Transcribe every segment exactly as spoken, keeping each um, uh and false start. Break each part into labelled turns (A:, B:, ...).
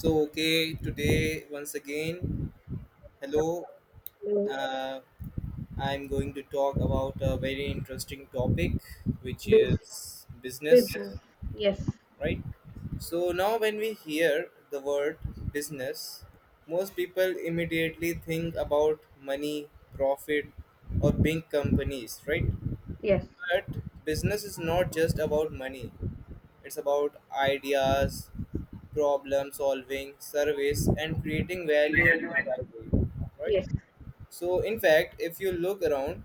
A: So, okay, today once again, hello.
B: Hello.
A: Uh, I'm going to talk about a very interesting topic, which
B: Bus
A: is business,
B: Business. Yes,
A: right? So, now when we hear the word business, most people immediately think about money, profit, or big companies, right?
B: yes,
A: But business is not just about money. It's about ideas, problem solving, service, and creating value in society. Right?
B: yes.
A: So, in fact, if you look around,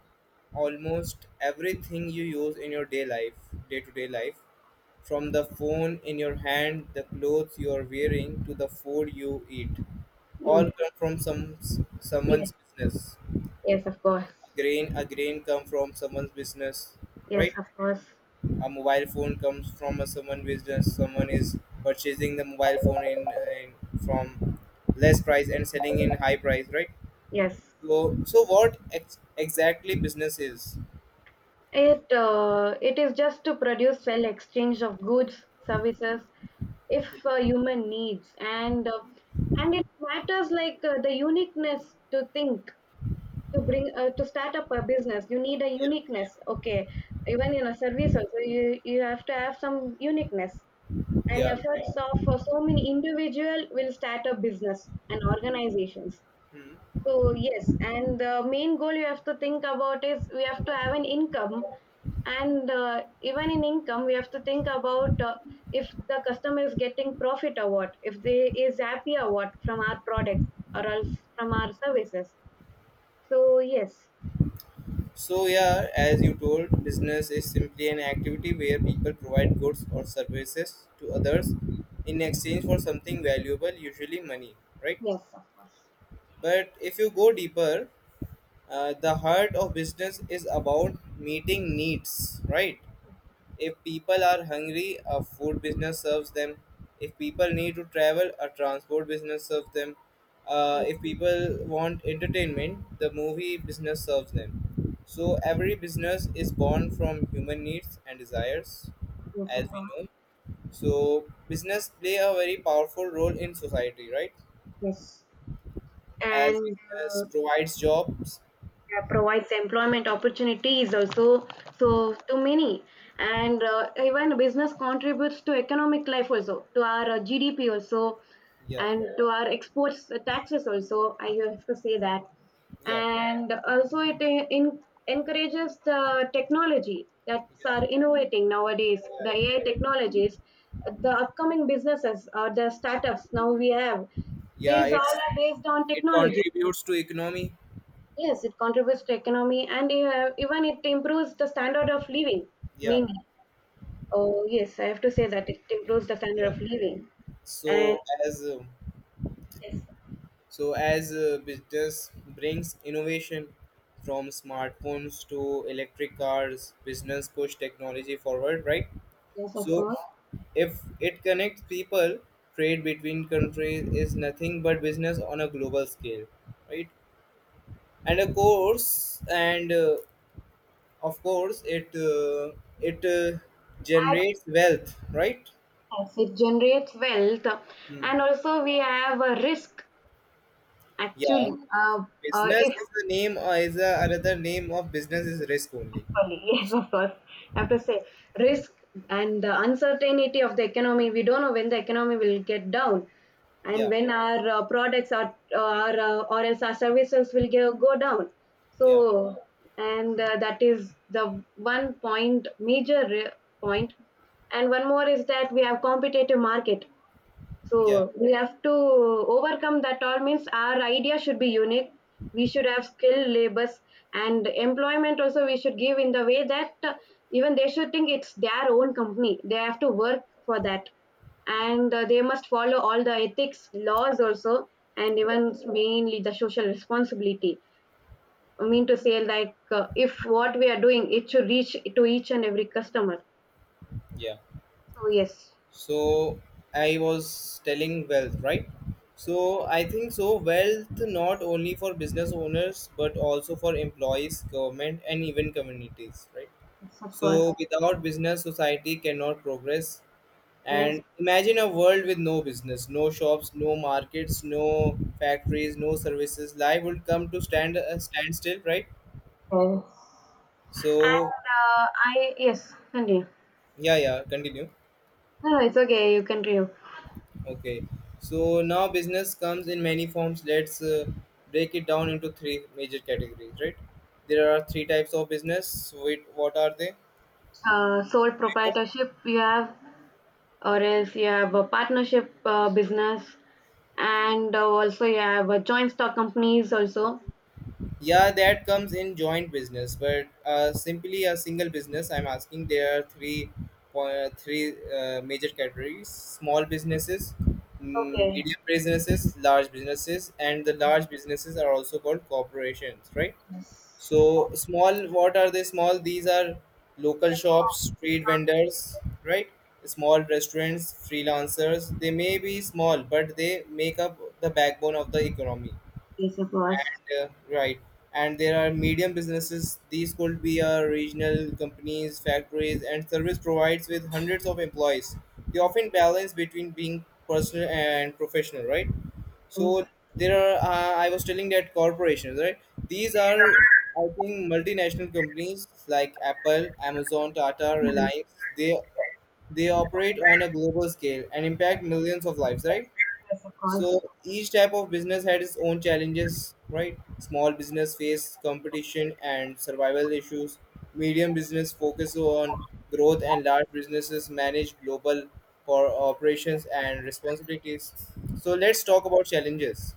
A: almost everything you use in your day life, day to day life, from the phone in your hand, the clothes you are wearing, to the food you eat, all
B: mm,
A: come from some
B: yes,
A: someone's business.
B: yes, of
A: A
B: course.
A: grain, a grain come from someone's business,
B: Yes,
A: right?
B: of course.
A: A mobile phone comes from a someone business. Someone is purchasing the mobile phone in, in from less price and selling in high price, right?
B: Yes.
A: So, so what ex- exactly business is.
B: It uh, it is just to produce, sell, exchange of goods, services, if uh, human needs, and uh, and it matters like uh, the uniqueness to think to bring uh, to start up a business. You need a
A: Yeah,
B: uniqueness. Okay, even in a service also you you have to have some uniqueness. And
A: yeah.
B: efforts of uh, so many individual will start a business and organizations.
A: Hmm.
B: So yes, and the main goal you have to think about is we have to have an income, and uh, even in income we have to think about uh, if the customer is getting profit or what, if they is happy or what, from our products or else from our services. So yes.
A: So, yeah, as you told, business is simply an activity where people provide goods or services to others in exchange for something valuable, usually money, right?
B: Yes, of course.
A: But if you go deeper, uh, the heart of business is about meeting needs, right? If people are hungry, a food business serves them. If people need to travel, a transport business serves them. Uh,
B: Yes,
A: if people want entertainment, the movie business serves them. So every business is born from human needs and desires,
B: yes, of
A: as we
B: course.
A: know. So business play a very powerful role in society, right?
B: Yes.
A: As
B: and
A: business
B: uh,
A: provides jobs,
B: yeah, provides employment opportunities also, so to many. And uh, even business contributes to economic life also, to our uh, gdp also,
A: yeah,
B: and to our exports, uh, taxes also, I have to say that.
A: yeah,
B: And also it en- en- encourages the technology that are innovating nowadays, the ai technologies, the upcoming businesses or the startups now we have,
A: yeah,
B: these all
A: it's,
B: are based on
A: it
B: technology.
A: contributes to economy.
B: Yes, it contributes to economy, and uh, even it improves the standard of living.
A: Yeah,
B: Mainly, oh yes, I have to say that it improves the standard
A: yeah.
B: of living. And
A: so as uh,
B: yes,
A: so as uh, business brings innovation. From smartphones to electric cars, business push technology forward, right?
B: yes, of
A: So,
B: course.
A: if it connects people, trade between countries is nothing but business on a global scale, right? And of course, and uh, of course it uh, it uh,
B: And
A: generates wealth, right?
B: yes, it generates wealth,
A: Hmm.
B: and also we have a risk actually.
A: Yeah,
B: Uh, uh,
A: business
B: if
A: is the name, or is a another name of business is risk only.
B: sorry. Yes, of course. I have to say, risk and the uncertainty of the economy. We don't know when the economy will get down, and
A: Yeah,
B: when our uh, products are, or uh, or else our services will go, go down.
A: yeah,
B: So, and uh, that is the one point major re- point. And one more is that we have competitive market.
A: yeah,
B: So we have to overcome that, all means our idea should be unique. We should have skilled labors, and employment also we should give in the way that uh, even they should think it's their own company. They have to work for that, and uh, they must follow all the ethics laws also, and
A: yeah,
B: even mainly the social responsibility. I mean to say like uh, if what we are doing it should reach to each and every customer.
A: yeah.
B: So yes,
A: So I was telling wealth, right?
B: yes,
A: So I think so wealth not only for business owners but also for employees, government, and even communities, right?
B: yes, of course.
A: So without business, society cannot progress.
B: Yes.
A: And imagine a world with no business, no shops, no markets, no factories, no services. Life would come to stand a standstill, right?
B: Yes.
A: So,
B: And uh, I yes, continue.
A: yeah, yeah, continue.
B: No, no, it's okay. You can continue.
A: Okay. So now business comes in many forms. Let's uh, break it down into three major categories, right? There are three types of business. Wait, what are they?
B: Uh, sole proprietorship you have, or else you have a partnership uh, business, and uh, also you have a joint stock companies also.
A: Yeah, that comes in joint business, but uh, simply a single business. I'm asking there are three po- three uh, major categories: small businesses, mm,
B: Okay.
A: medium businesses, large businesses, and the large businesses are also called corporations, right? So small, what are they small? These are local shops, street vendors, right? Small restaurants, freelancers. They may be small, but they make up the backbone of the economy
B: Yes, of course.
A: and uh, right. And there are medium businesses. These could be uh, regional companies, factories, and service providers with hundreds of employees. They often balance between being personal and professional, right?
B: Yes.
A: So there are uh, I was telling that corporations, right? These are, I think, multinational companies like Apple, Amazon, Tata,
B: Mm.
A: Reliance. They they operate on a global scale and impact millions of lives, right?
B: Yes, of
A: So
B: course.
A: each type of business had its own challenges, right? Small business faced competition and survival issues. Medium business focused on growth, and large businesses manage global cor- operations and responsibilities. So let's talk about challenges.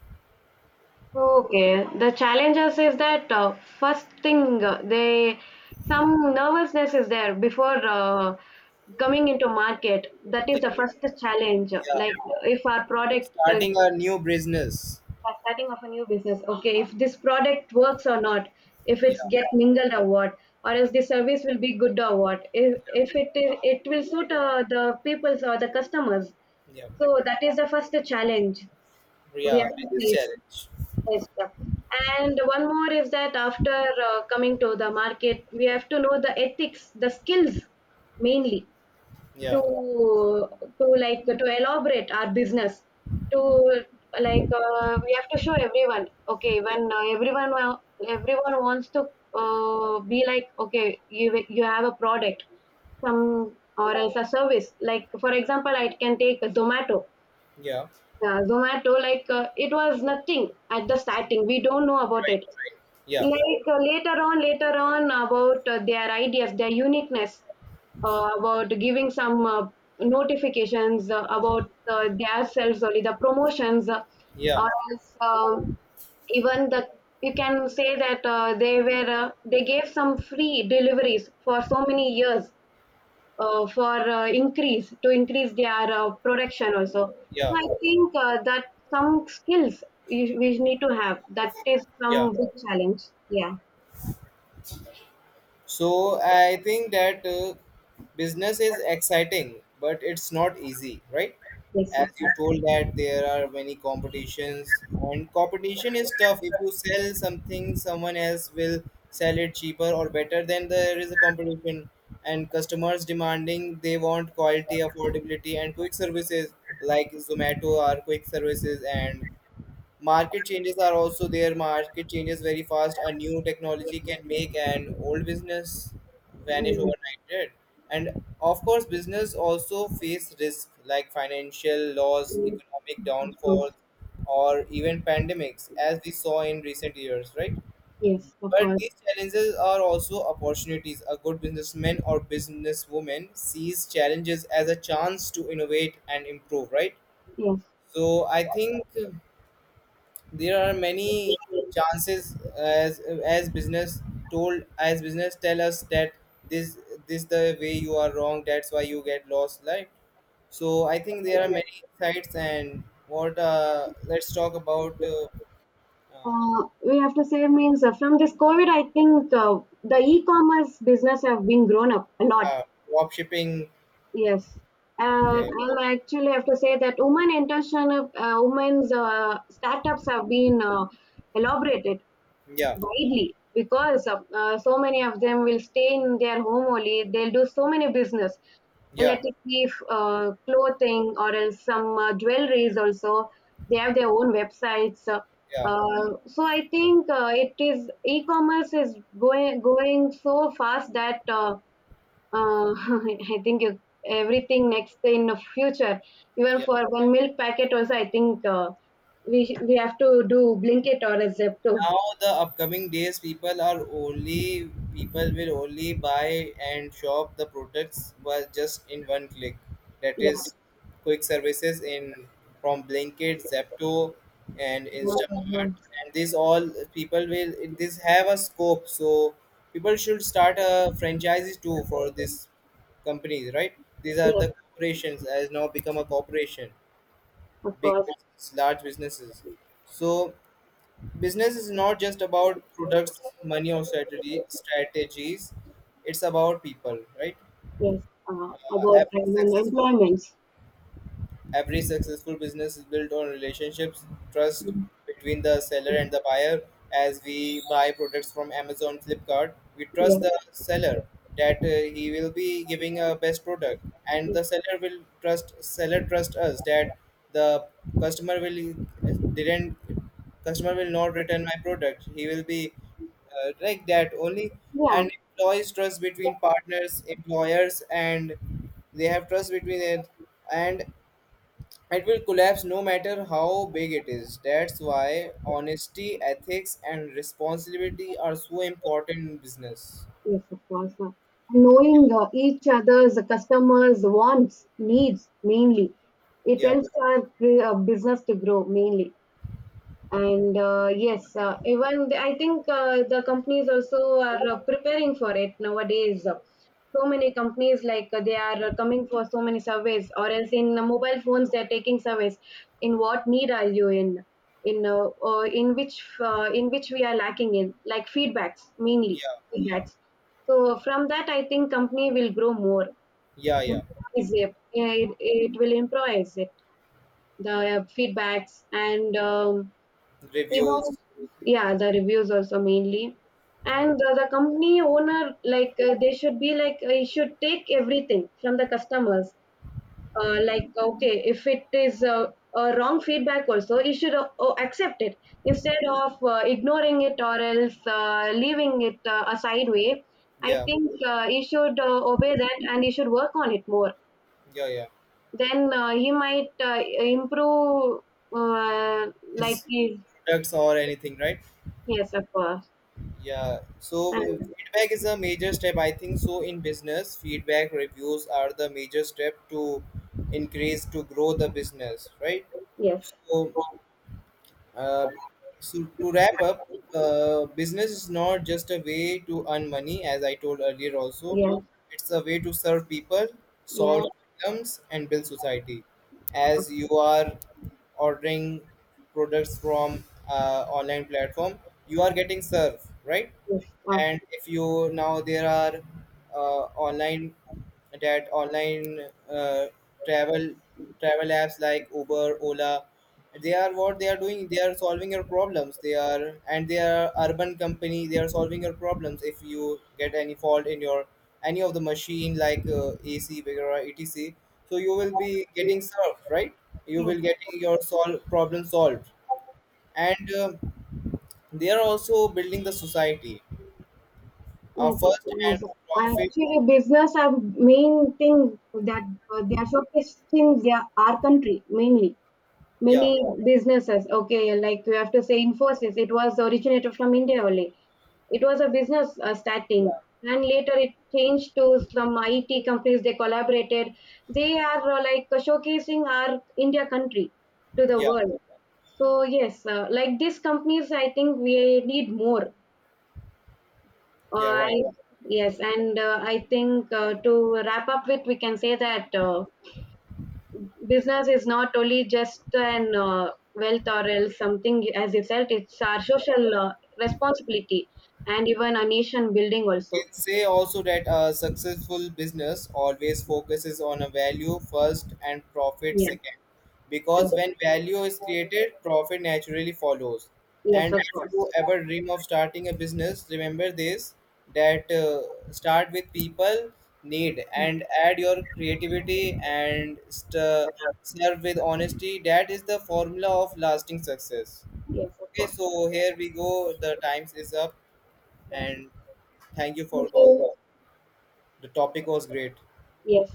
B: Okay, the challenges is that uh, first thing uh, they, some nervousness is there before uh, coming into market. That
A: Yeah,
B: is the first challenge.
A: yeah.
B: Like, if our product uh,
A: Starting a new business.
B: are starting of a new business, okay, if this product works or not, if it's
A: Yeah,
B: get mingled or what, or else the service will be good or what, if if it, it will suit uh, the people's or the customers.
A: yeah,
B: So that is the first challenge we
A: yeah.
B: have to
A: Business
B: face.
A: challenge.
B: Yes, yeah. And one more is that after uh, coming to the market, we have to know the ethics, the skills mainly, to
A: Yeah,
B: to like to elaborate our business. To, like uh, we have to show everyone. Okay,
A: yeah,
B: when uh, everyone wa- everyone wants to uh, be like okay, you you have a product, some or else a service. Like for example, I can take a Zomato.
A: yeah.
B: Yeah, Zomato, like uh, it was nothing at the starting. We don't know about
A: Right.
B: it.
A: Yeah,
B: Like uh, later on, later on about uh, their ideas, their uniqueness, uh, about giving some uh, notifications uh, about uh, their selves only, the promotions, uh,
A: yeah,
B: or else um, even the, you can say that uh, they were uh, they gave some free deliveries for so many years, uh, for uh, increase to increase their uh, production also. So
A: yeah,
B: I think uh, that some skills we, we need to have. That is
A: yeah.
B: some big challenge. Yeah.
A: So I think that uh, business is exciting, but it's not easy, right?
B: Yes.
A: As
B: Of
A: you
B: course.
A: told, that there are many competitions, and competition is tough. If you sell something, someone else will sell it cheaper or better. Then there is a competition, and customers demanding, they want quality, affordability, and quick services like Zomato are quick services. And market changes are also there. Market changes very fast. A new technology can make an old business vanish
B: Mm.
A: overnight, right? And of course, business also face risk like financial loss,
B: Mm,
A: economic
B: of course.
A: downfalls, or even pandemics, as we saw in recent years, right?
B: Yes. Of
A: But
B: course.
A: these challenges are also opportunities. A good businessman or businesswoman sees challenges as a chance to innovate and improve, right?
B: Yes.
A: So I think there are many chances as as business told as business tell us that this this the way you are wrong, that's why you get lost, right? So I think there are many sites. And what, uh, let's talk about uh, uh,
B: Uh, we have to say means uh, from this COVID, I think uh, the e-commerce business have been grown up a lot.
A: uh, drop shipping.
B: Yes. Uh,
A: Yeah,
B: I'll actually have to say that women entrepreneurship, uh, women's uh, startups have been uh, elaborated
A: yeah,
B: widely, because uh, uh, so many of them will stay in their home only. They'll do so many business,
A: yeah,
B: let it be f- uh, clothing or else some uh, jewelries also. They have their own websites. Uh,
A: yeah,
B: uh, so I think uh, it is, e-commerce is going going so fast that uh, uh, I think you, everything next in the future, even
A: yeah.
B: for one milk packet also, I think uh, we sh- we have to do Blinkit or a Zepto.
A: Now the upcoming days, people are only people will only buy and shop the products, but just in one click. That
B: Yeah.
A: is quick services in, from Blinkit, Zepto, and Instamart,
B: Mhm.
A: and these all people will this have a scope. So people should start a franchise too for this companies, right? These are
B: Yes,
A: the corporations, has now become a corporation,
B: of
A: big
B: course.
A: business, large businesses. So business is not just about products, money, or strategy strategies. It's about people, right?
B: Yes, uh,
A: Uh,
B: about
A: every
B: women
A: successful
B: employments.
A: Every successful business is built on relationships, trust
B: Mm.
A: between the seller and the buyer. As we buy products from Amazon, Flipkart, we trust
B: Yes,
A: the seller that uh, he will be giving a best product, and the
B: yes,
A: seller will trust seller trust us that the customer will didn't customer will not return my product. He will be uh, like that only.
B: yeah,
A: And employees, trust between partners, employers, and they have trust between it. And it will collapse no matter how big it is. That's why honesty, ethics, and responsibility are so important in business.
B: yes, of course. Uh, knowing uh, each other's customers' wants, needs mainly, it
A: Yeah,
B: helps our cre- uh, business to grow mainly. And uh, yes, uh, even the- I think uh, the companies also are uh, preparing for it nowadays. So many companies like uh, they are uh, coming for so many surveys, or else in uh, mobile phones they are taking surveys. In what need are you in? In uh, uh, in which uh, in which we are lacking in, like feedbacks mainly,
A: yeah,
B: feedbacks. So from that, I think company will grow more.
A: yeah, yeah.
B: Improvise it. It, it will improvise it, the uh, feedbacks and. Um, even
A: Reviews,
B: yeah, the reviews also mainly, and
A: yeah,
B: the, the company owner, like uh, they should be like uh, he should take everything from the customers. Uh, like okay, if it is uh, a wrong feedback also, he should uh, uh, accept it instead of uh, ignoring it or else uh, leaving it uh, a sideway. I
A: yeah,
B: think uh, he should uh, obey that, and he should work on it more.
A: yeah, yeah.
B: Then uh, he might uh, improve uh, like
A: Is
B: his,
A: products or anything, right?
B: yes, of course.
A: Yeah. So uh, feedback is a major step, I think. So in business, feedback reviews are the major step to increase to grow the business, right?
B: Yes,
A: So, Uh, so to wrap up, uh, business is not just a way to earn money, as I told earlier. Also,
B: yes,
A: it's a way to serve people,
B: yeah,
A: solve problems, and build society. As you are ordering products from uh, online platform, you are getting served, right?
B: yes, of,
A: And if you, now there are uh, online that online uh, travel travel apps like Uber, Ola, they are, what they are doing, they are solving your problems. They are, and they are urban company, they are solving your problems. If you get any fault in your any of the machine like uh, A C, or etc, so you will be getting served, right? You
B: yes,
A: will getting your sol- problem solved, and um, they are also building the society. Uh,
B: yes, yes,
A: first
B: yes.
A: and profit.
B: Actually, business are main thing that uh, they are showcasing their, our country mainly.
A: Yeah,
B: Many businesses, okay, like you have to say Infosys, it was originated from India only. It was a business uh, starting,
A: yeah,
B: and later it changed to some I T companies. They collaborated. They are uh, like uh, showcasing our India country to the
A: yeah,
B: world. So yes, uh, like these companies, I think we need more. Uh,
A: yeah. Right.
B: I, yes, and uh, I think uh, to wrap up with, we can say that uh, business is not only just an uh, wealth or else something as itself. It's our
A: Yeah.
B: social uh, responsibility, and even a nation building
A: You
B: also.
A: can say also that a successful business always focuses on a value first and profit
B: Yeah.
A: second. Because when value is created, profit naturally follows.
B: Yes,
A: And
B: of
A: if you
B: course.
A: ever dream of starting a business, remember this, that uh, start with people need and add your creativity and st- serve with honesty. That is the formula of lasting success.
B: Yes, of
A: Okay,
B: course.
A: so here we go. The times is up,
B: Yes.
A: and thank you
B: Thank
A: for call.
B: you.
A: The topic was great.
B: Yes.